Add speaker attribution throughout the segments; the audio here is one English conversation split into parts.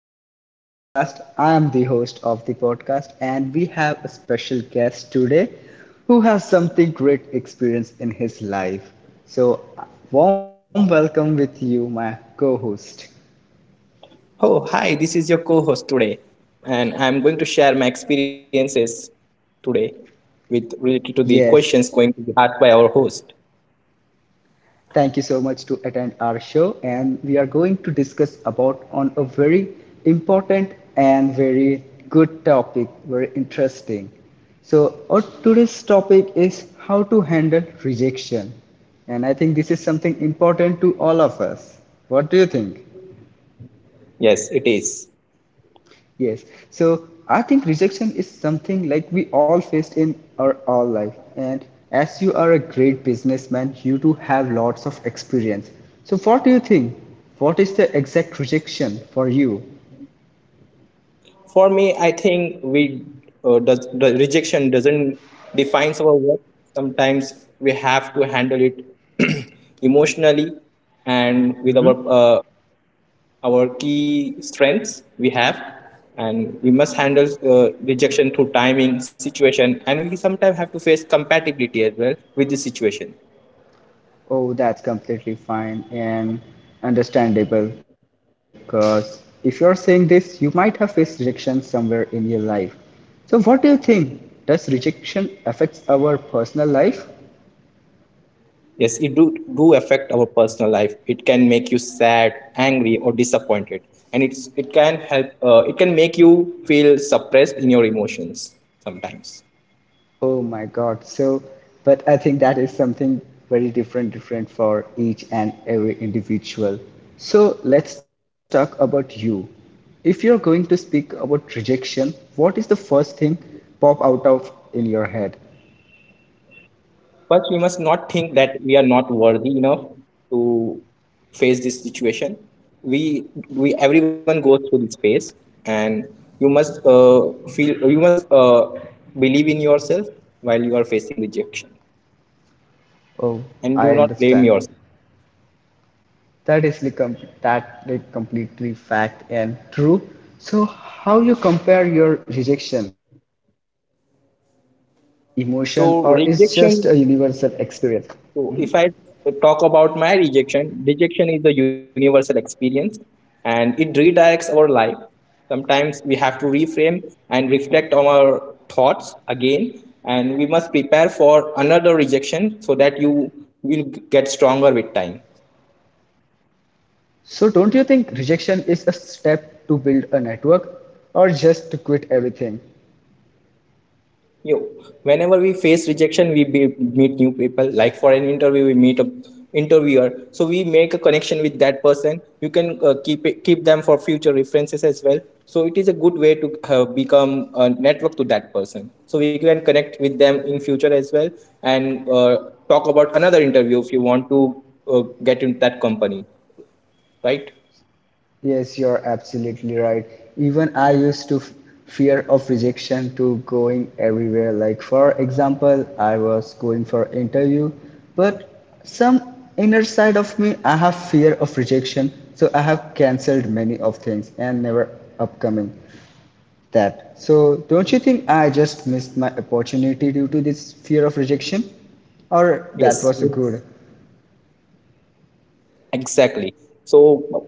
Speaker 1: episode of podcast. I am the host of the podcast and we have a special guest today who has something great experience in his life. So warm welcome with you my co-host.
Speaker 2: Oh, hi, this is your co host today, and I'm going to share my experiences today with related to
Speaker 1: Yes,
Speaker 2: the questions going to be asked by our host.
Speaker 1: thank you so much to attend our show and we are going to discuss about on a very important and very good topic, very interesting. So our today's topic is how to handle rejection. And I think this is something important to all of us. What do you think?
Speaker 2: Yes, it is.
Speaker 1: Yes. So I think rejection is something like we all faced in our all life. And as you are a great businessman, you do have lots of experience. So what do you think? What is the exact rejection for you?
Speaker 2: For me, I think the rejection doesn't define our work. Sometimes we have to handle it emotionally and with uh, our key strengths we have and we must handle rejection through timing situation, and we sometimes have to face compatibility as well with the situation.
Speaker 1: Oh, that's completely fine and understandable because if you're saying this, you might have faced rejection somewhere in your life. So what do you think? Does rejection affects our personal life?
Speaker 2: Yes, it do affect our personal life. It can make you sad, angry or disappointed, and it can help it can make you feel suppressed in your emotions sometimes.
Speaker 1: Oh my God. So, but I think that is something very different, different for each and every individual. So let's talk about you. If you're going to speak about rejection, what is the first thing pop out of in your head?
Speaker 2: First, we must not think that we are not worthy enough to face this situation. Everyone goes through this phase, and you must believe in yourself while you are facing rejection,
Speaker 1: Oh,
Speaker 2: and
Speaker 1: I
Speaker 2: do not blame
Speaker 1: understand.
Speaker 2: yourself.
Speaker 1: That is like that like completely fact and true. So how you compare your rejection with emotion or is just a
Speaker 2: So
Speaker 1: universal
Speaker 2: rejection
Speaker 1: experience?
Speaker 2: So if I talk about my rejection, rejection is a universal experience and it redirects our life. Sometimes we have to reframe and reflect on our thoughts again, and we must prepare for another rejection so that you will get stronger with time.
Speaker 1: So, don't you think rejection is a step to build a network or just to quit everything?
Speaker 2: Yo, whenever we face rejection, meet new people. Like for an interview, we meet a interviewer, so we make a connection with that person. You can keep them for future references as well. So it is a good way to become a network to that person. So we can connect with them in future as well, and talk about another interview if you want to get into that company, right?
Speaker 1: Yes, you're absolutely right. Even I used to fear of rejection to going everywhere. Like, for example, I was going for interview, but some inner side of me, I have fear of rejection. So, I have cancelled many of things and never upcoming that. So, don't you think I just missed my opportunity due to this fear of rejection? Or that was
Speaker 2: Yes.
Speaker 1: good?
Speaker 2: Exactly. So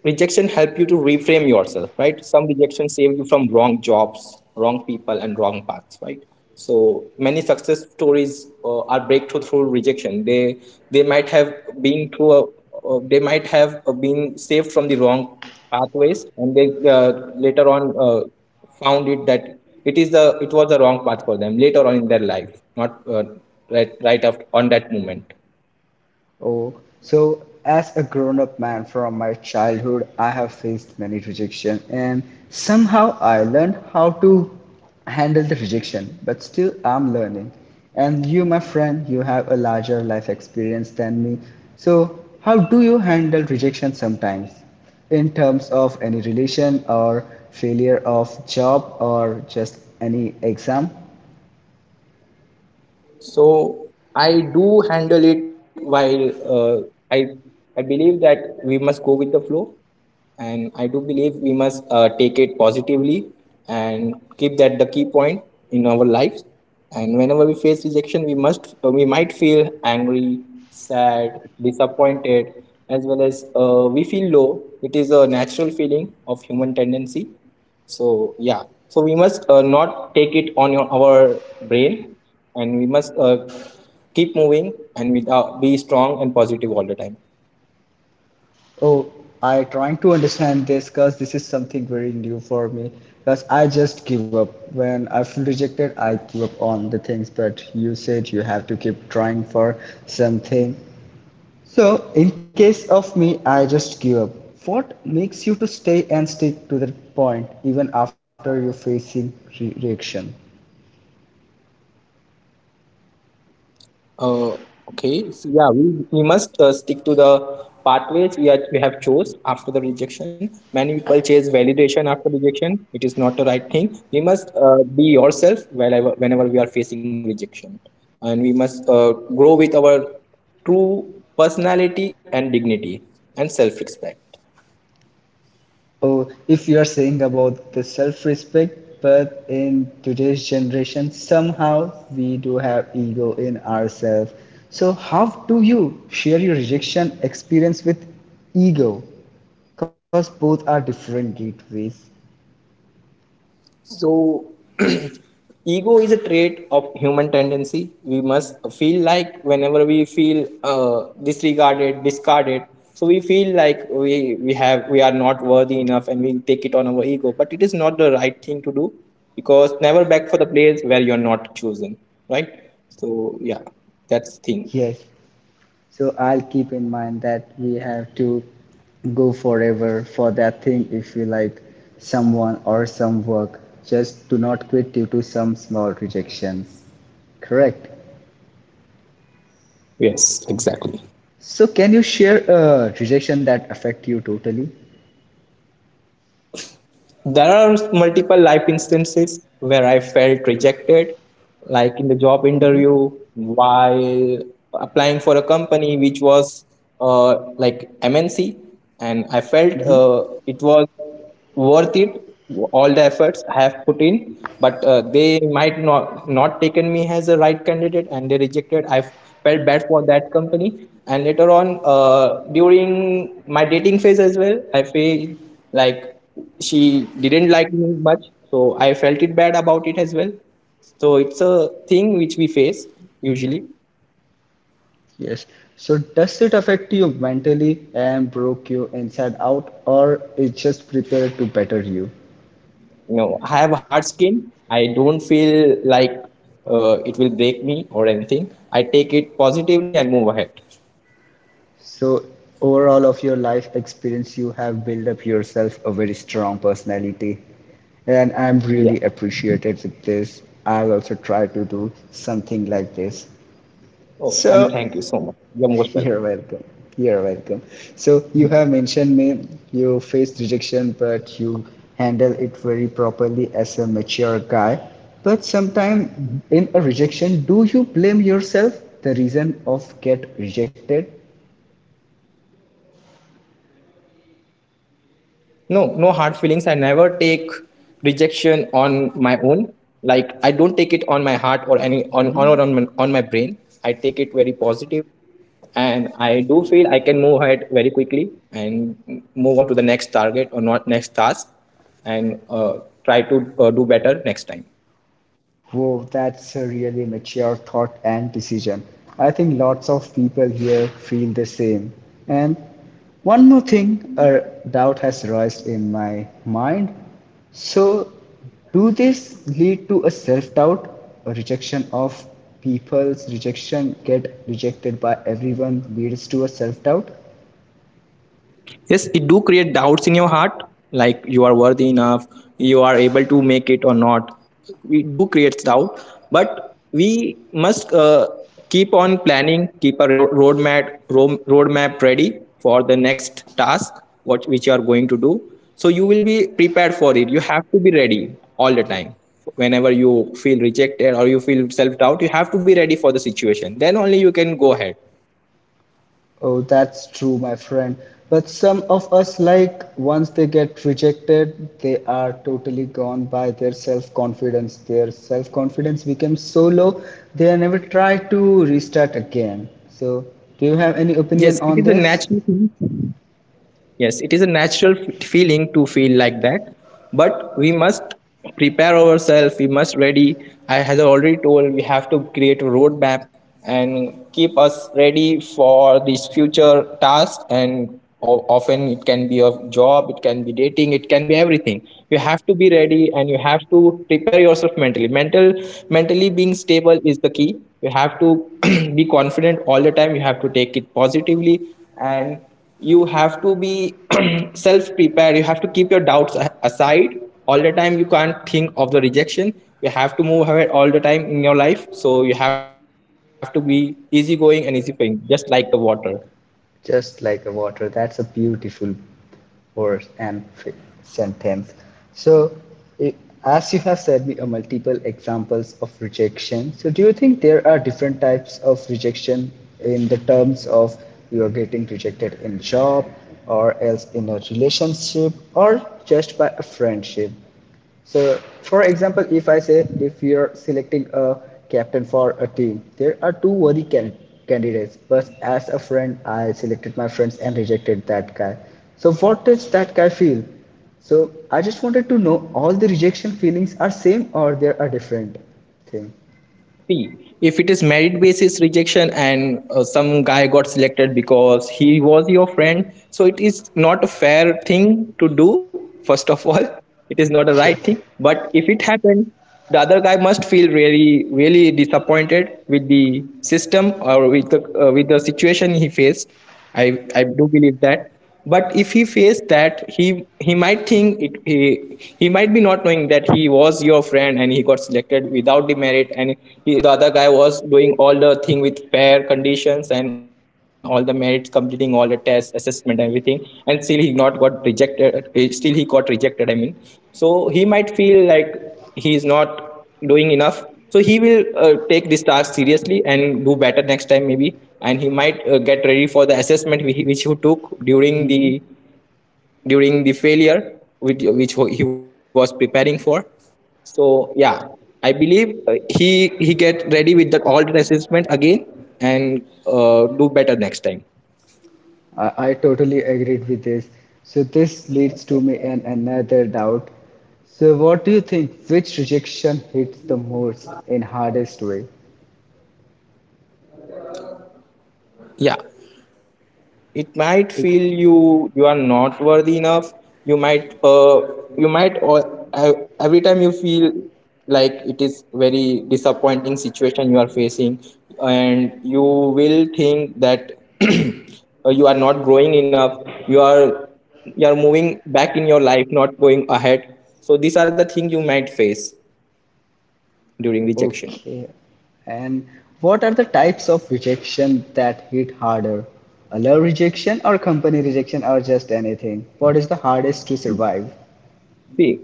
Speaker 2: rejection help you to reframe yourself, right? Some rejection save you from wrong jobs, wrong people, and wrong paths, right? So many success stories are breakthrough through rejection. They might have been through a, been saved from the wrong pathways, and they later on found it that it was the wrong path for them later on in their life, not right after, on that moment.
Speaker 1: Oh, so as a grown up man from my childhood, I have faced many rejection and somehow I learned how to handle the rejection, but still I'm learning. And you, my friend, you have a larger life experience than me. So, how do you handle rejection sometimes in terms of any relation or failure of job or just any exam?
Speaker 2: So I do handle it while I I believe that we must go with the flow, and I do believe we must take it positively and keep that the key point in our lives. And whenever we face rejection, we might feel angry, sad, disappointed, as well as we feel low. It is a natural feeling of human tendency. So yeah, so we must not take it on your our brain, and we must keep moving and without be strong and positive all the time.
Speaker 1: Oh, I trying to understand this because this is something very new for me. Because I just give up. When I feel rejected, I give up on the things. But you said you have to keep trying for something. So in case of me, I just give up. What makes you to stay and stick to that point even after you're facing reaction?
Speaker 2: Uh, okay so we must stick to the pathways we have chose. After the rejection, many people chase validation after rejection. It is not the right thing. We must be yourself whenever we are facing rejection, and we must grow with our true personality and dignity and self-respect.
Speaker 1: Oh, if you are saying about the self-respect, but in today's generation, somehow we do have ego in ourselves. So how do you share your rejection experience with ego? Because both are different gateways.
Speaker 2: So, ego is a trait of human tendency. We must feel like whenever we feel disregarded, discarded, so we feel like we are not worthy enough, and we take it on our ego. But it is not the right thing to do, because never back for the place where you are not chosen, right? So yeah, that's thing.
Speaker 1: Yes. So I'll keep in mind that we have to go forever for that thing if you like someone or some work. Just do not quit due to some small rejections. Correct.
Speaker 2: Yes, exactly.
Speaker 1: So can you share a rejection that affect you totally?
Speaker 2: There are multiple life instances where I felt rejected, like in the job interview while applying for a company which was like MNC, and I felt
Speaker 1: Hmm.
Speaker 2: it was worth it all the efforts I have put in, but they might not not taken me as a right candidate, and they rejected. I felt bad for that company, and later on during my dating phase as well, I feel like she didn't like me much, so I felt it bad about it as well. So it's a thing which we face usually.
Speaker 1: Yes. So does it affect you mentally and broke you inside out, or it just prepared to better you?
Speaker 2: You know, I have a hard skin. I don't feel like it will break me or anything. I take it positively and move ahead.
Speaker 1: So overall of your life experience, you have built up yourself a very strong personality, and I'm
Speaker 2: Yeah.
Speaker 1: really appreciated with this. I'll also try to do something like this.
Speaker 2: Oh, and
Speaker 1: So
Speaker 2: thank you so much. You're most
Speaker 1: you're
Speaker 2: welcome.
Speaker 1: welcome. You're welcome. So you have mentioned me you faced rejection, but you handle it very properly as a mature guy. But sometime in a rejection, do you blame yourself the reason of get rejected?
Speaker 2: No, no hard feelings. I never take rejection on my own. Like I don't take it on my heart or any on or on my brain. I take it very positive, and I do feel I can move ahead very quickly and move on to the next target or not next task, and try to do better next time.
Speaker 1: Whoa, that's a really mature thought and decision. I think lots of people here feel the same. And one more thing, a doubt has raised in my mind. So, do this lead to a self doubt, a rejection of people's rejection, get rejected by everyone leads to a self doubt?
Speaker 2: Yes, it do create doubts in your heart. Like, you are worthy enough, you are able to make it or not, we do creates doubt. But we must keep on planning, keep a roadmap ready for the next task what which you are going to do, so you will be prepared for it. You have to be ready all the time. Whenever you feel rejected or you feel self doubt, you have to be ready for the situation, then only you can go ahead.
Speaker 1: Oh, that's true, my friend. But some of us, like, once they get rejected, they are totally gone by their self confidence. Their self confidence becomes so low, they never try to restart again. So, do you have any
Speaker 2: Yes,
Speaker 1: opinion
Speaker 2: it is a
Speaker 1: on this?
Speaker 2: natural thing. Yes, it is a natural feeling to feel like that, but we must prepare ourselves. We must ready. I has already told we have to create a roadmap and keep us ready for these future tasks. And often it can be a job, it can be dating, it can be everything. You have to be ready and you have to prepare yourself mentally. Mentally being stable is the key. You have to be confident all the time. You have to take it positively, and you have to be self prepared. You have to keep your doubts aside all the time. You can't think of the rejection. You have to move ahead all the time in your life. So you have to be easygoing and easy going, just like the water.
Speaker 1: Just like a water. That's a beautiful word and sentence. So, I as you have said, me, multiple examples of rejection. So, do you think there are different types of rejection in the terms of you are getting rejected in job or else in a relationship or just by a friendship? So, for example, if I say if you're selecting a captain for a team, there are two worthy candidates, but as a friend, I selected my friends and rejected that guy. So, what does that guy feel? So, I just wanted to know all the rejection feelings are same or there are different thing.
Speaker 2: See, if it is merit basis rejection and some guy got selected because he was your friend, so it is not a fair thing to do, first of all. It is not a right
Speaker 1: Yes,
Speaker 2: thing. But if it happened, the other guy must feel really, really disappointed with the system or with the situation he faced. I i do believe that. But if he faced that, he might think it, he might be not knowing that he was your friend and he got selected without the merit, and he, the other guy was doing all the thing with fair conditions and all the merits, completing all the tests, assessment, everything, and still he not got rejected eh, still he got rejected, I mean. So he might feel like he is not doing enough, so he will take this task seriously and do better next time maybe, and he might get ready for the assessment which he took during the failure which he was preparing for. So yeah, I believe he get ready with that all the assessment again and do better next time.
Speaker 1: I totally agreed with this. So, this leads to me and another doubt. So, what do you think? Which rejection hits the most in hardest way?
Speaker 2: Yeah, it might
Speaker 1: If
Speaker 2: feel you you are not worthy enough. You might uh, you might or Every time you feel like it is very disappointing situation you are facing, and you will think that you are not growing enough, you are you are moving back in your life, not going ahead. So these are the things you might face during rejection.
Speaker 1: Okay. And what are the types of rejection that hit harder? A love rejection or company rejection or just anything? What is the hardest to survive?
Speaker 2: See,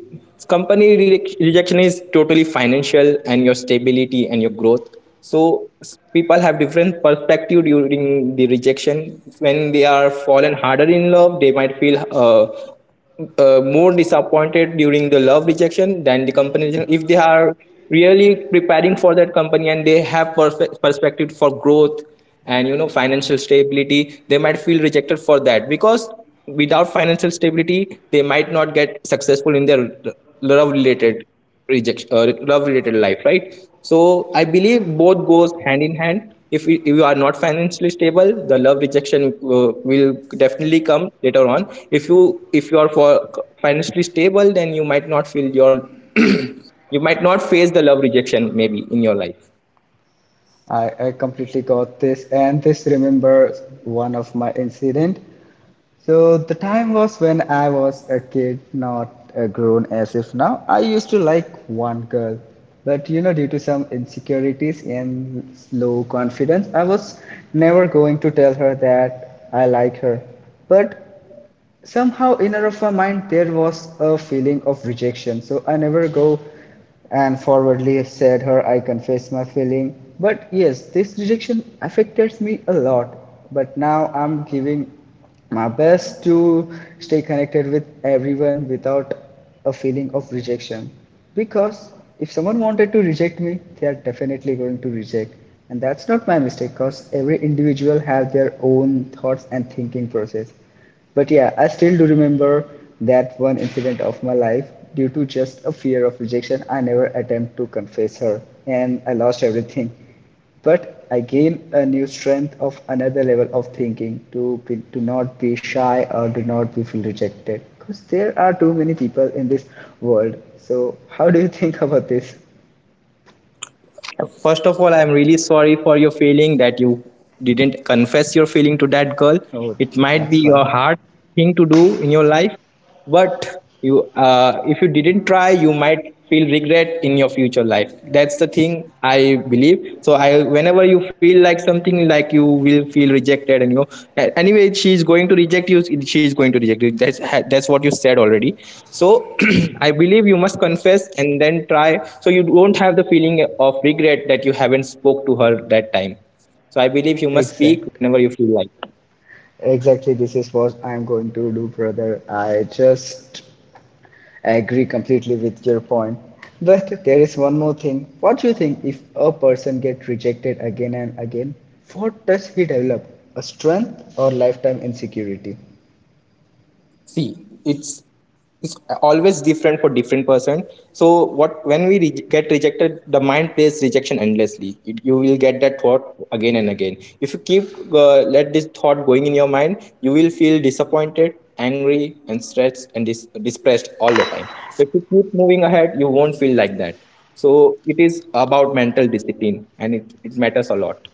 Speaker 2: rejection is totally financial and your stability and your growth. So people have different perspective during the rejection. When they are fallen harder in love, they might feel more disappointed during the love rejection than the company rejection. If they are really preparing for that company and they have perfect perspective for growth and you know financial stability, they might feel rejected for that, because without financial stability they might not get successful in their love related love related life, right? So I believe both goes hand in hand. If you are not financially stable, the love rejection will definitely come later on. If you if you are for financially stable, then you might not feel your you might not face the love rejection maybe in your life.
Speaker 1: I completely got this and this remembers one of my incident. So the time was when I was a kid, not a grown as if now. I used to like one girl, but due to some insecurities and low confidence, I was never going to tell her that I like her. But somehow inner of my mind there was a feeling of rejection, so I never go and forwardly said her, I confess my feeling. But yes, this rejection affected me a lot. But now I'm giving my best to stay connected with everyone without a feeling of rejection. Because if someone wanted to reject me, they are definitely going to reject. And that's not my mistake, because every individual has their own thoughts and thinking process. But yeah, I still do remember that one incident of my life due to just a fear of rejection. I never attempt to confess her and I lost everything. But I gained a new strength of another level of thinking to not be shy or do not be feel rejected because there are too many people in this world. So how do you think about this?
Speaker 2: First of all, I'm really sorry for your feeling that you didn't confess your feeling to that girl.
Speaker 1: Oh,
Speaker 2: It might
Speaker 1: that's
Speaker 2: be a
Speaker 1: fine.
Speaker 2: hard thing to do in your life, but you, if you didn't try, you might feel regret in your future life. That's the thing I believe. So, I whenever you feel like something like you will feel rejected and anyway she's going to reject you. That's what you said already. So I believe you must confess and then try, so you don't have the feeling of regret that you haven't spoke to her that time. So I believe you must speak
Speaker 1: Exact.
Speaker 2: whenever you feel like.
Speaker 1: Exactly, this is what I'm going to do, brother. I agree completely with your point. But there is one more thing. What do you think if a person gets rejected again and again, what does he develop? A strength or lifetime insecurity?
Speaker 2: See, it's always different for different person. So what when we re- get rejected, the mind plays rejection endlessly. You will get that thought again and again. If you keep let this thought going in your mind, you will feel disappointed, angry, and stressed and depressed all the time. If you keep moving ahead, you won't feel like that. So it is about mental discipline, and it matters a lot.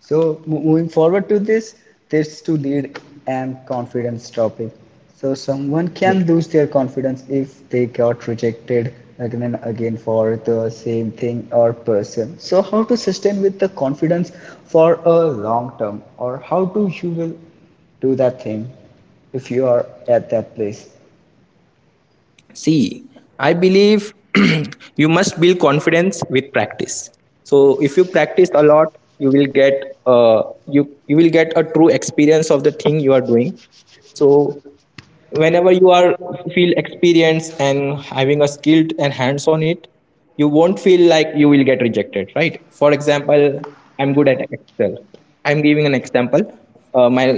Speaker 1: So moving forward to this to lead and confidence topic. So someone can lose their confidence if they got rejected again and again for the same thing or person. So how to sustain with the confidence for a long term, or how do you will do that thing if you are at that place?
Speaker 2: See, I believe you must build confidence with practice. So if you practice a lot, you will get you will get a true experience of the thing you are doing. So whenever you are feel experienced and having a skilled and hands on it, you won't feel like you will get rejected, right? For example, I'm good at Excel. I'm giving an example, my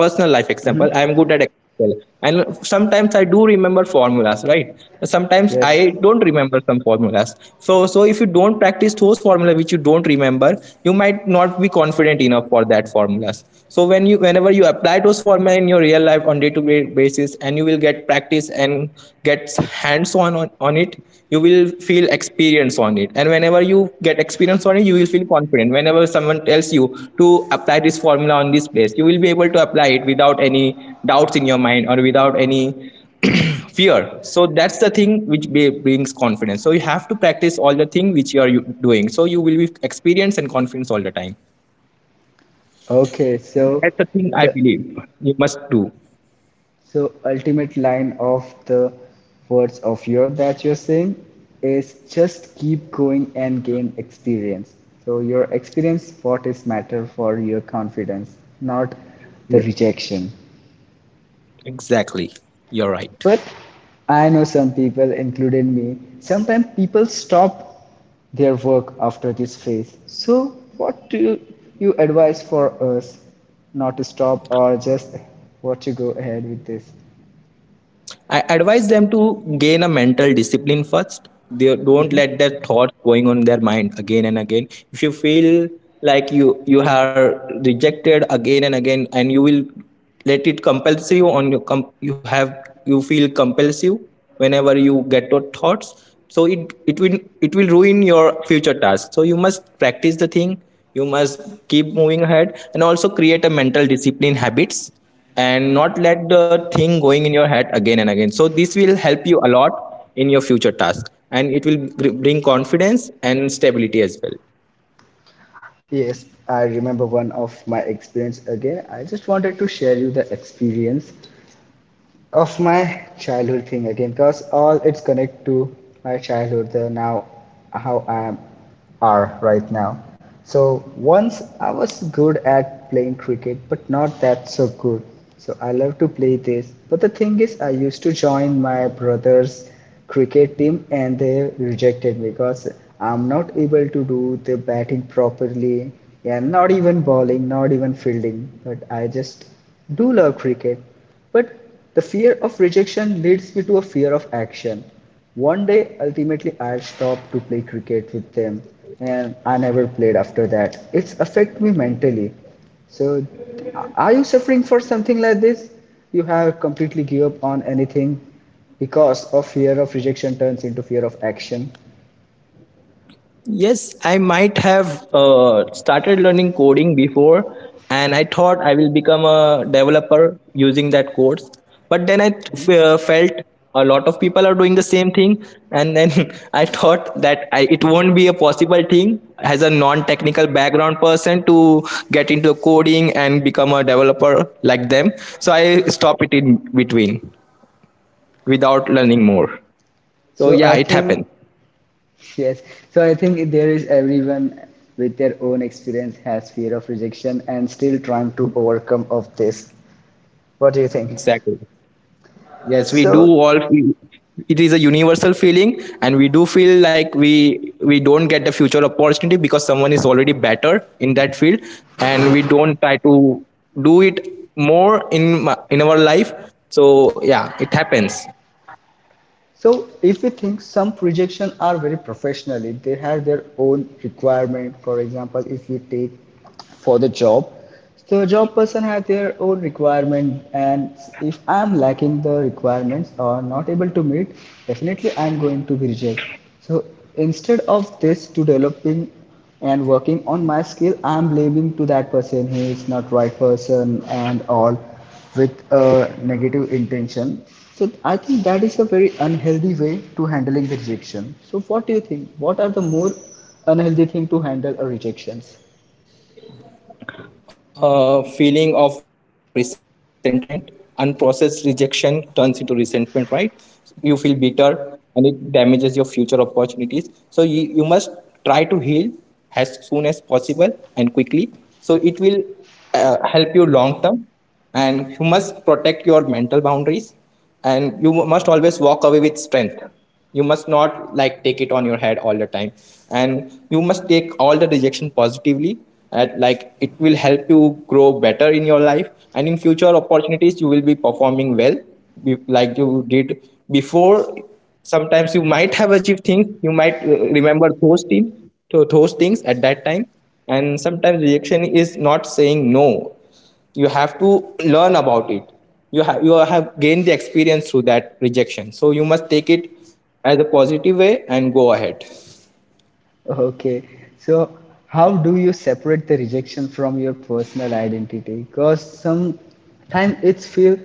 Speaker 2: personal life example. I'm good at Excel and sometimes I do remember formulas, right? Sometimes
Speaker 1: Yes.
Speaker 2: I don't remember some formulas. So if you don't practice those formula which you don't remember, you might not be confident enough for that formulas. So when you whenever you apply those formula in your real life on day to basis, and you will get practice and get hands on, on it, you will feel experience on it. And whenever you get experience on it, you will feel confident whenever someone tells you to apply this formula on this place. You will be able to apply it without any doubts in your mind or without any fear. So that's the thing which brings confidence. So you have to practice all the thing which you are doing, so you will be experience and confidence all the time.
Speaker 1: Okay.
Speaker 2: That's the thing I
Speaker 1: The
Speaker 2: believe you must do.
Speaker 1: So ultimate line of the words of your that you're saying is just keep going and gain experience. So your experience what is matter for your confidence, not the
Speaker 2: Yes,
Speaker 1: rejection.
Speaker 2: exactly, you're right.
Speaker 1: But I know some people, including me, sometimes people stop their work after this phase. So what do you advise for us not to stop or just what to go ahead with this?
Speaker 2: I advise them to gain a mental discipline first. They don't let their thoughts going on their mind again and again. If you feel like you are rejected again and again, and you will let it compels you on your you have you feel compels you whenever you get your thoughts. So it will it will ruin your future tasks. So you must practice the thing. You must keep moving ahead and also create a mental discipline habits, and not let the thing going in your head again and again. So this will help you a lot in your future task, and it will bring confidence and stability as well.
Speaker 1: Yes, I remember one of my experience again. I just wanted to share you the experience of my childhood thing again because all it's connect to my childhood the now how I am are right now. So once I was good at playing cricket, but not that so good. So I love to play this, but the thing is I used to join my brother's cricket team, and they rejected me because I'm not able to do the batting properly, and not even bowling, not even fielding. But I just do love cricket. But the fear of rejection leads me to a fear of action. One day, ultimately, I stopped to play cricket with them, and I never played after that. It's affected me mentally. So, are you suffering for something like this? You have completely give up on anything because of fear of rejection turns into fear of action.
Speaker 2: Yes, I might have started learning coding before, and I thought I will become a developer using that course. But then I felt a lot of people are doing the same thing, and then I thought that it won't be a possible thing as a non-technical background person to get into coding and become a developer like them. So I stopped it in between without learning more. So
Speaker 1: So
Speaker 2: yeah,
Speaker 1: I
Speaker 2: it
Speaker 1: think
Speaker 2: happened
Speaker 1: yes. So I think there is everyone with their own experience has fear of rejection and still trying to overcome of this. What do you think?
Speaker 2: exactly. Yes, we do
Speaker 1: So,
Speaker 2: all feel it is a universal feeling, and we do feel like we don't get the future opportunity because someone is already better in that field, and we don't try to do it more in in our life. So yeah, it happens.
Speaker 1: so, if we think some projections are very professionally, they have their own requirement. For example, if you take for the job, so a job person has their own requirement, and if I'm lacking the requirements or not able to meet, definitely I'm going to be rejected. So instead of this, to developing and working on my skill, I'm blaming to that person, he is not right person and all, with a negative intention. So I think that is a very unhealthy way to handling the rejection. So what do you think, what are the more unhealthy thing to handle a rejections?
Speaker 2: Feeling of resentment. Unprocessed rejection turns into resentment, right? You feel bitter and it damages your future opportunities. So you must try to heal as soon as possible and quickly. So it will help you long term. And you must protect your mental boundaries, and you must always walk away with strength. You must not like take it on your head all the time, and you must take all the rejection positively. At like it will help you grow better in your life, and in future opportunities you will be performing well, like you did before. Sometimes you might have achieved things, you might remember those things, at that time. And sometimes rejection is not saying no. You have to learn about it. You have gained the experience through that rejection. So you must take it as a positive way and go ahead.
Speaker 1: Okay. So, how do you separate the rejection from your personal identity? Because sometimes it's feel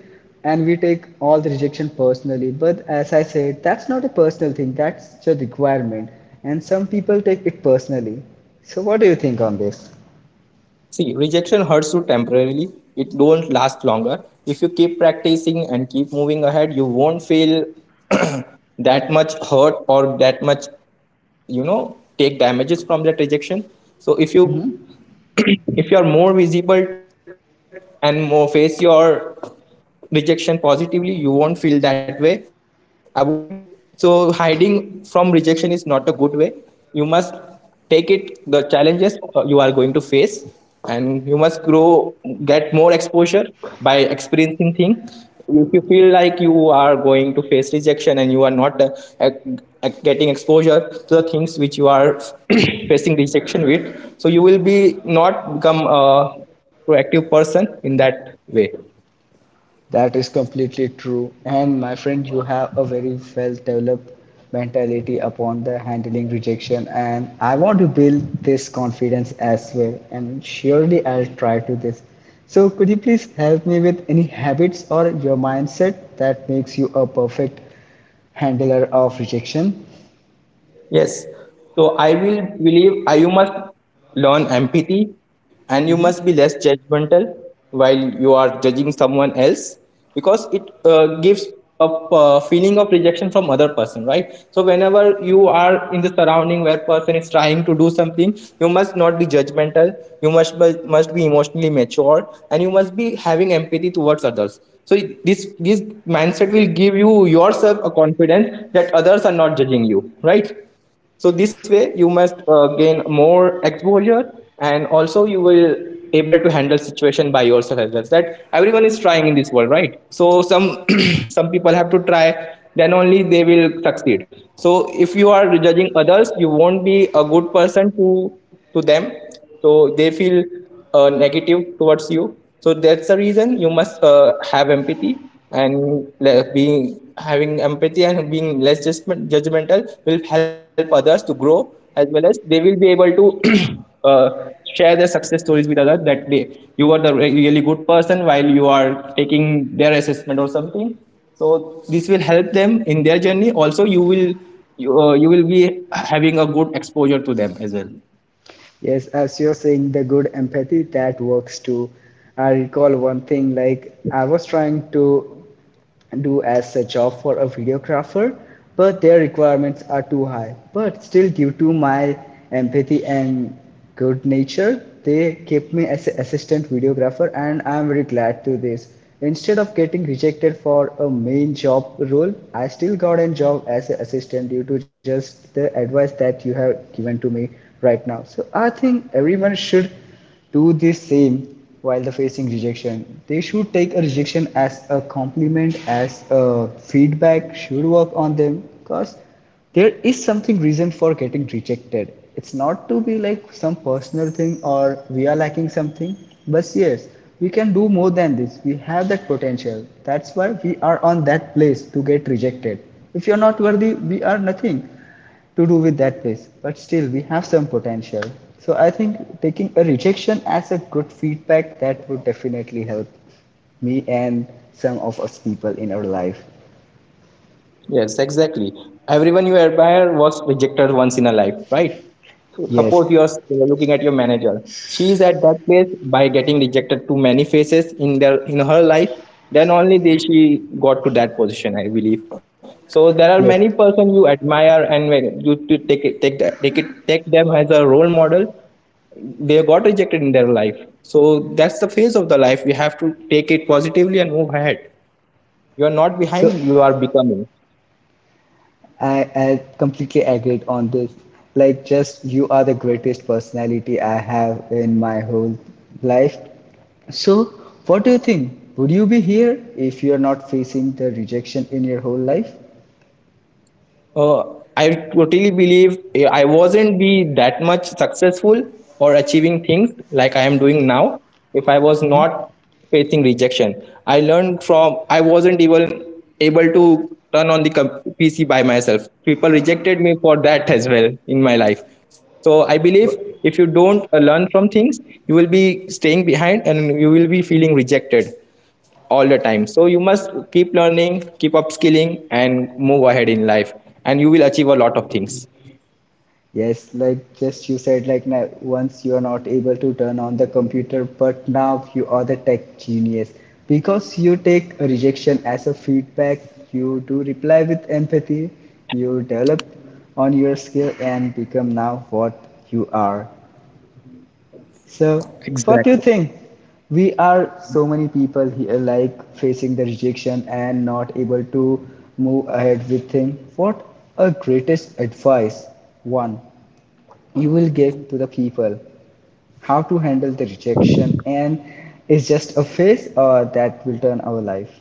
Speaker 1: and we take all the rejection personally, but as I said, that's not a personal thing, that's the requirement. And some people take it personally. So, what do you think on this?
Speaker 2: See, rejection hurts you temporarily. It don't last longer. If you keep practicing and keep moving ahead, you won't feel that much hurt or that much, you know, take damages from that rejection. So if you
Speaker 1: Hmm.
Speaker 2: if you are more visible and more face your rejection positively, you won't feel that way avoid. So hiding from rejection is not a good way. You must take it, the challenges you are going to face, and you must grow, get more exposure by experiencing things. If you feel like you are going to face rejection and you are not ac- getting exposure to the things which you are facing rejection with, so you will be not become a proactive person in that way.
Speaker 1: That is completely true. And my friend, you have a very well developed mentality upon the handling rejection. And I want to build this confidence as well. And surely I'll try to this. So could you please help me with any habits or your mindset that makes you a perfect handler of rejection.
Speaker 2: Yes. So I will believe you must learn empathy, and you must be less judgmental while you are judging someone else, because it gives a feeling of rejection from other person, right? So whenever you are in the surrounding where person is trying to do something, you must not be judgmental. You must must be emotionally mature, and you must be having empathy towards others. So this mindset will give you yourself a confidence that others are not judging you, right? So this way you must gain more exposure, and also you will able to handle situation by yourself as well, that everyone is trying in this world, right? So some some people have to try, then only they will succeed. So if you are judging others, you won't be a good person to them. So they feel negative towards you. So that's the reason you must have empathy. And being having empathy and being less judgmental will help others to grow as well, as they will be able to share their success stories with others, that they you are the really good person while you are taking their assessment or something. So this will help them in their journey. Also you will you will be having a good exposure to them as well.
Speaker 1: Yes, as you're saying, the good empathy that works too. I recall one thing like I was trying to do as a job for a videographer, but their requirements are too high. But still, due to my empathy and good nature, they kept me as an assistant videographer, and I'm very glad to this. Instead of getting rejected for a main job role, I still got a job as an assistant due to just the advice that you have given to me right now. So I think everyone should do this same while the facing rejection, they should take a rejection as a compliment, as a feedback, should work on them because there is something reason for getting rejected, it's not to be like some personal thing or we are lacking something. But yes, we can do more than this, we have that potential, that's why we are on that place to get rejected. If you're not worthy we are nothing to do with that place, but still we have some potential. So I think taking a rejection as a good feedback, that would definitely help me and some of us people in our life.
Speaker 2: Yes, exactly. Everyone you admire was rejected once in a life, right? So
Speaker 1: Yes,
Speaker 2: suppose you are looking at your manager. She is at that place by getting rejected to many faces in their in her life. Then only she got to that position, I believe. So there are many
Speaker 1: yes.
Speaker 2: person you admire, and when you to take it, take them as a role model. They got rejected in their life. So that's the phase of the life. You have to take it positively and move ahead. You are not
Speaker 1: So
Speaker 2: behind. You are becoming.
Speaker 1: i I completely agreed on this. Like just you are the greatest personality I have in my whole life. So what do you think, would you be here if you are not facing the rejection in your whole life?
Speaker 2: Uh, I totally believe I wasn't be that much successful or achieving things like I am doing now if I was not facing rejection. I learned from I wasn't even able to turn on the PC by myself. People rejected me for that as well in my life. So I believe
Speaker 1: But
Speaker 2: if you don't learn from things, you will be staying behind and you will be feeling rejected all the time. So you must keep learning, keep upskilling, and move ahead in life, and you will achieve a lot of things.
Speaker 1: yes, like just you said, like now, once you are not able to turn on the computer, but now you are the tech genius because you take a rejection as a feedback. You do reply with empathy. You develop on your skill and become now what you are. So, what do you
Speaker 2: Exactly.
Speaker 1: think? We are so many people here, like facing the rejection and not able to move ahead with things. What a greatest advice! One you will give to the people, how to handle the rejection, and it's just a phase or that will turn our life?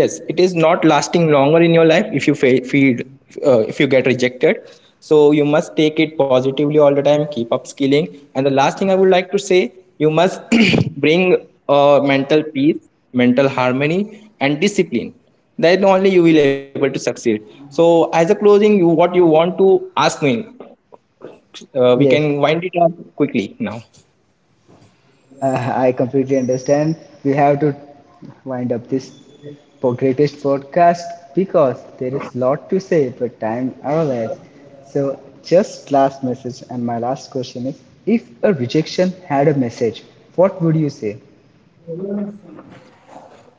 Speaker 2: Yes, it is not lasting longer in your life if you feed if you get rejected. So you must take it positively all the time, keep upskilling. And the last thing I would like to say, you must bring mental peace, mental harmony, and discipline, then only you will able to succeed. So as a closing, you what you want to ask me? We
Speaker 1: Yes.
Speaker 2: can wind it up quickly now.
Speaker 1: I completely understand we have to wind up this greatest podcast because there is a lot to say but time our less. So just last message and my last question is, if a rejection had a message, what would you say?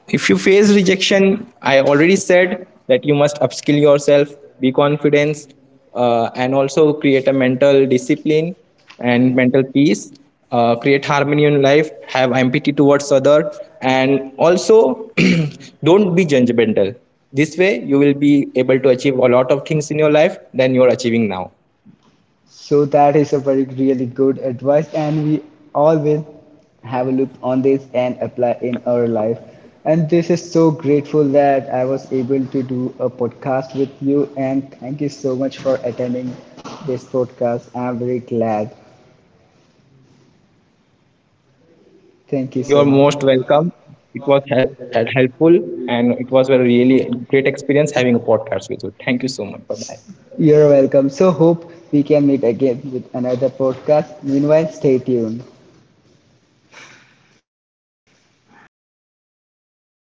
Speaker 2: If you face rejection, I already said that you must upskill yourself, be confident, and also create a mental discipline and mental peace. Create harmony in life, have empathy towards other, and also don't be judgmental. This way, you will be able to achieve a lot of things in your life than you are achieving now.
Speaker 1: So that is a very really good advice, and we all will have a look on this and apply in our life. And this is so grateful that I was able to do a podcast with you, and thank you so much for attending this podcast. I'm very glad. Thank you
Speaker 2: You're
Speaker 1: so much.
Speaker 2: most welcome. It was helpful, and it was a really great experience having a podcast with you. Thank you so much. Bye bye.
Speaker 1: You're welcome. So hope we can meet again with another podcast. Meanwhile, stay tuned.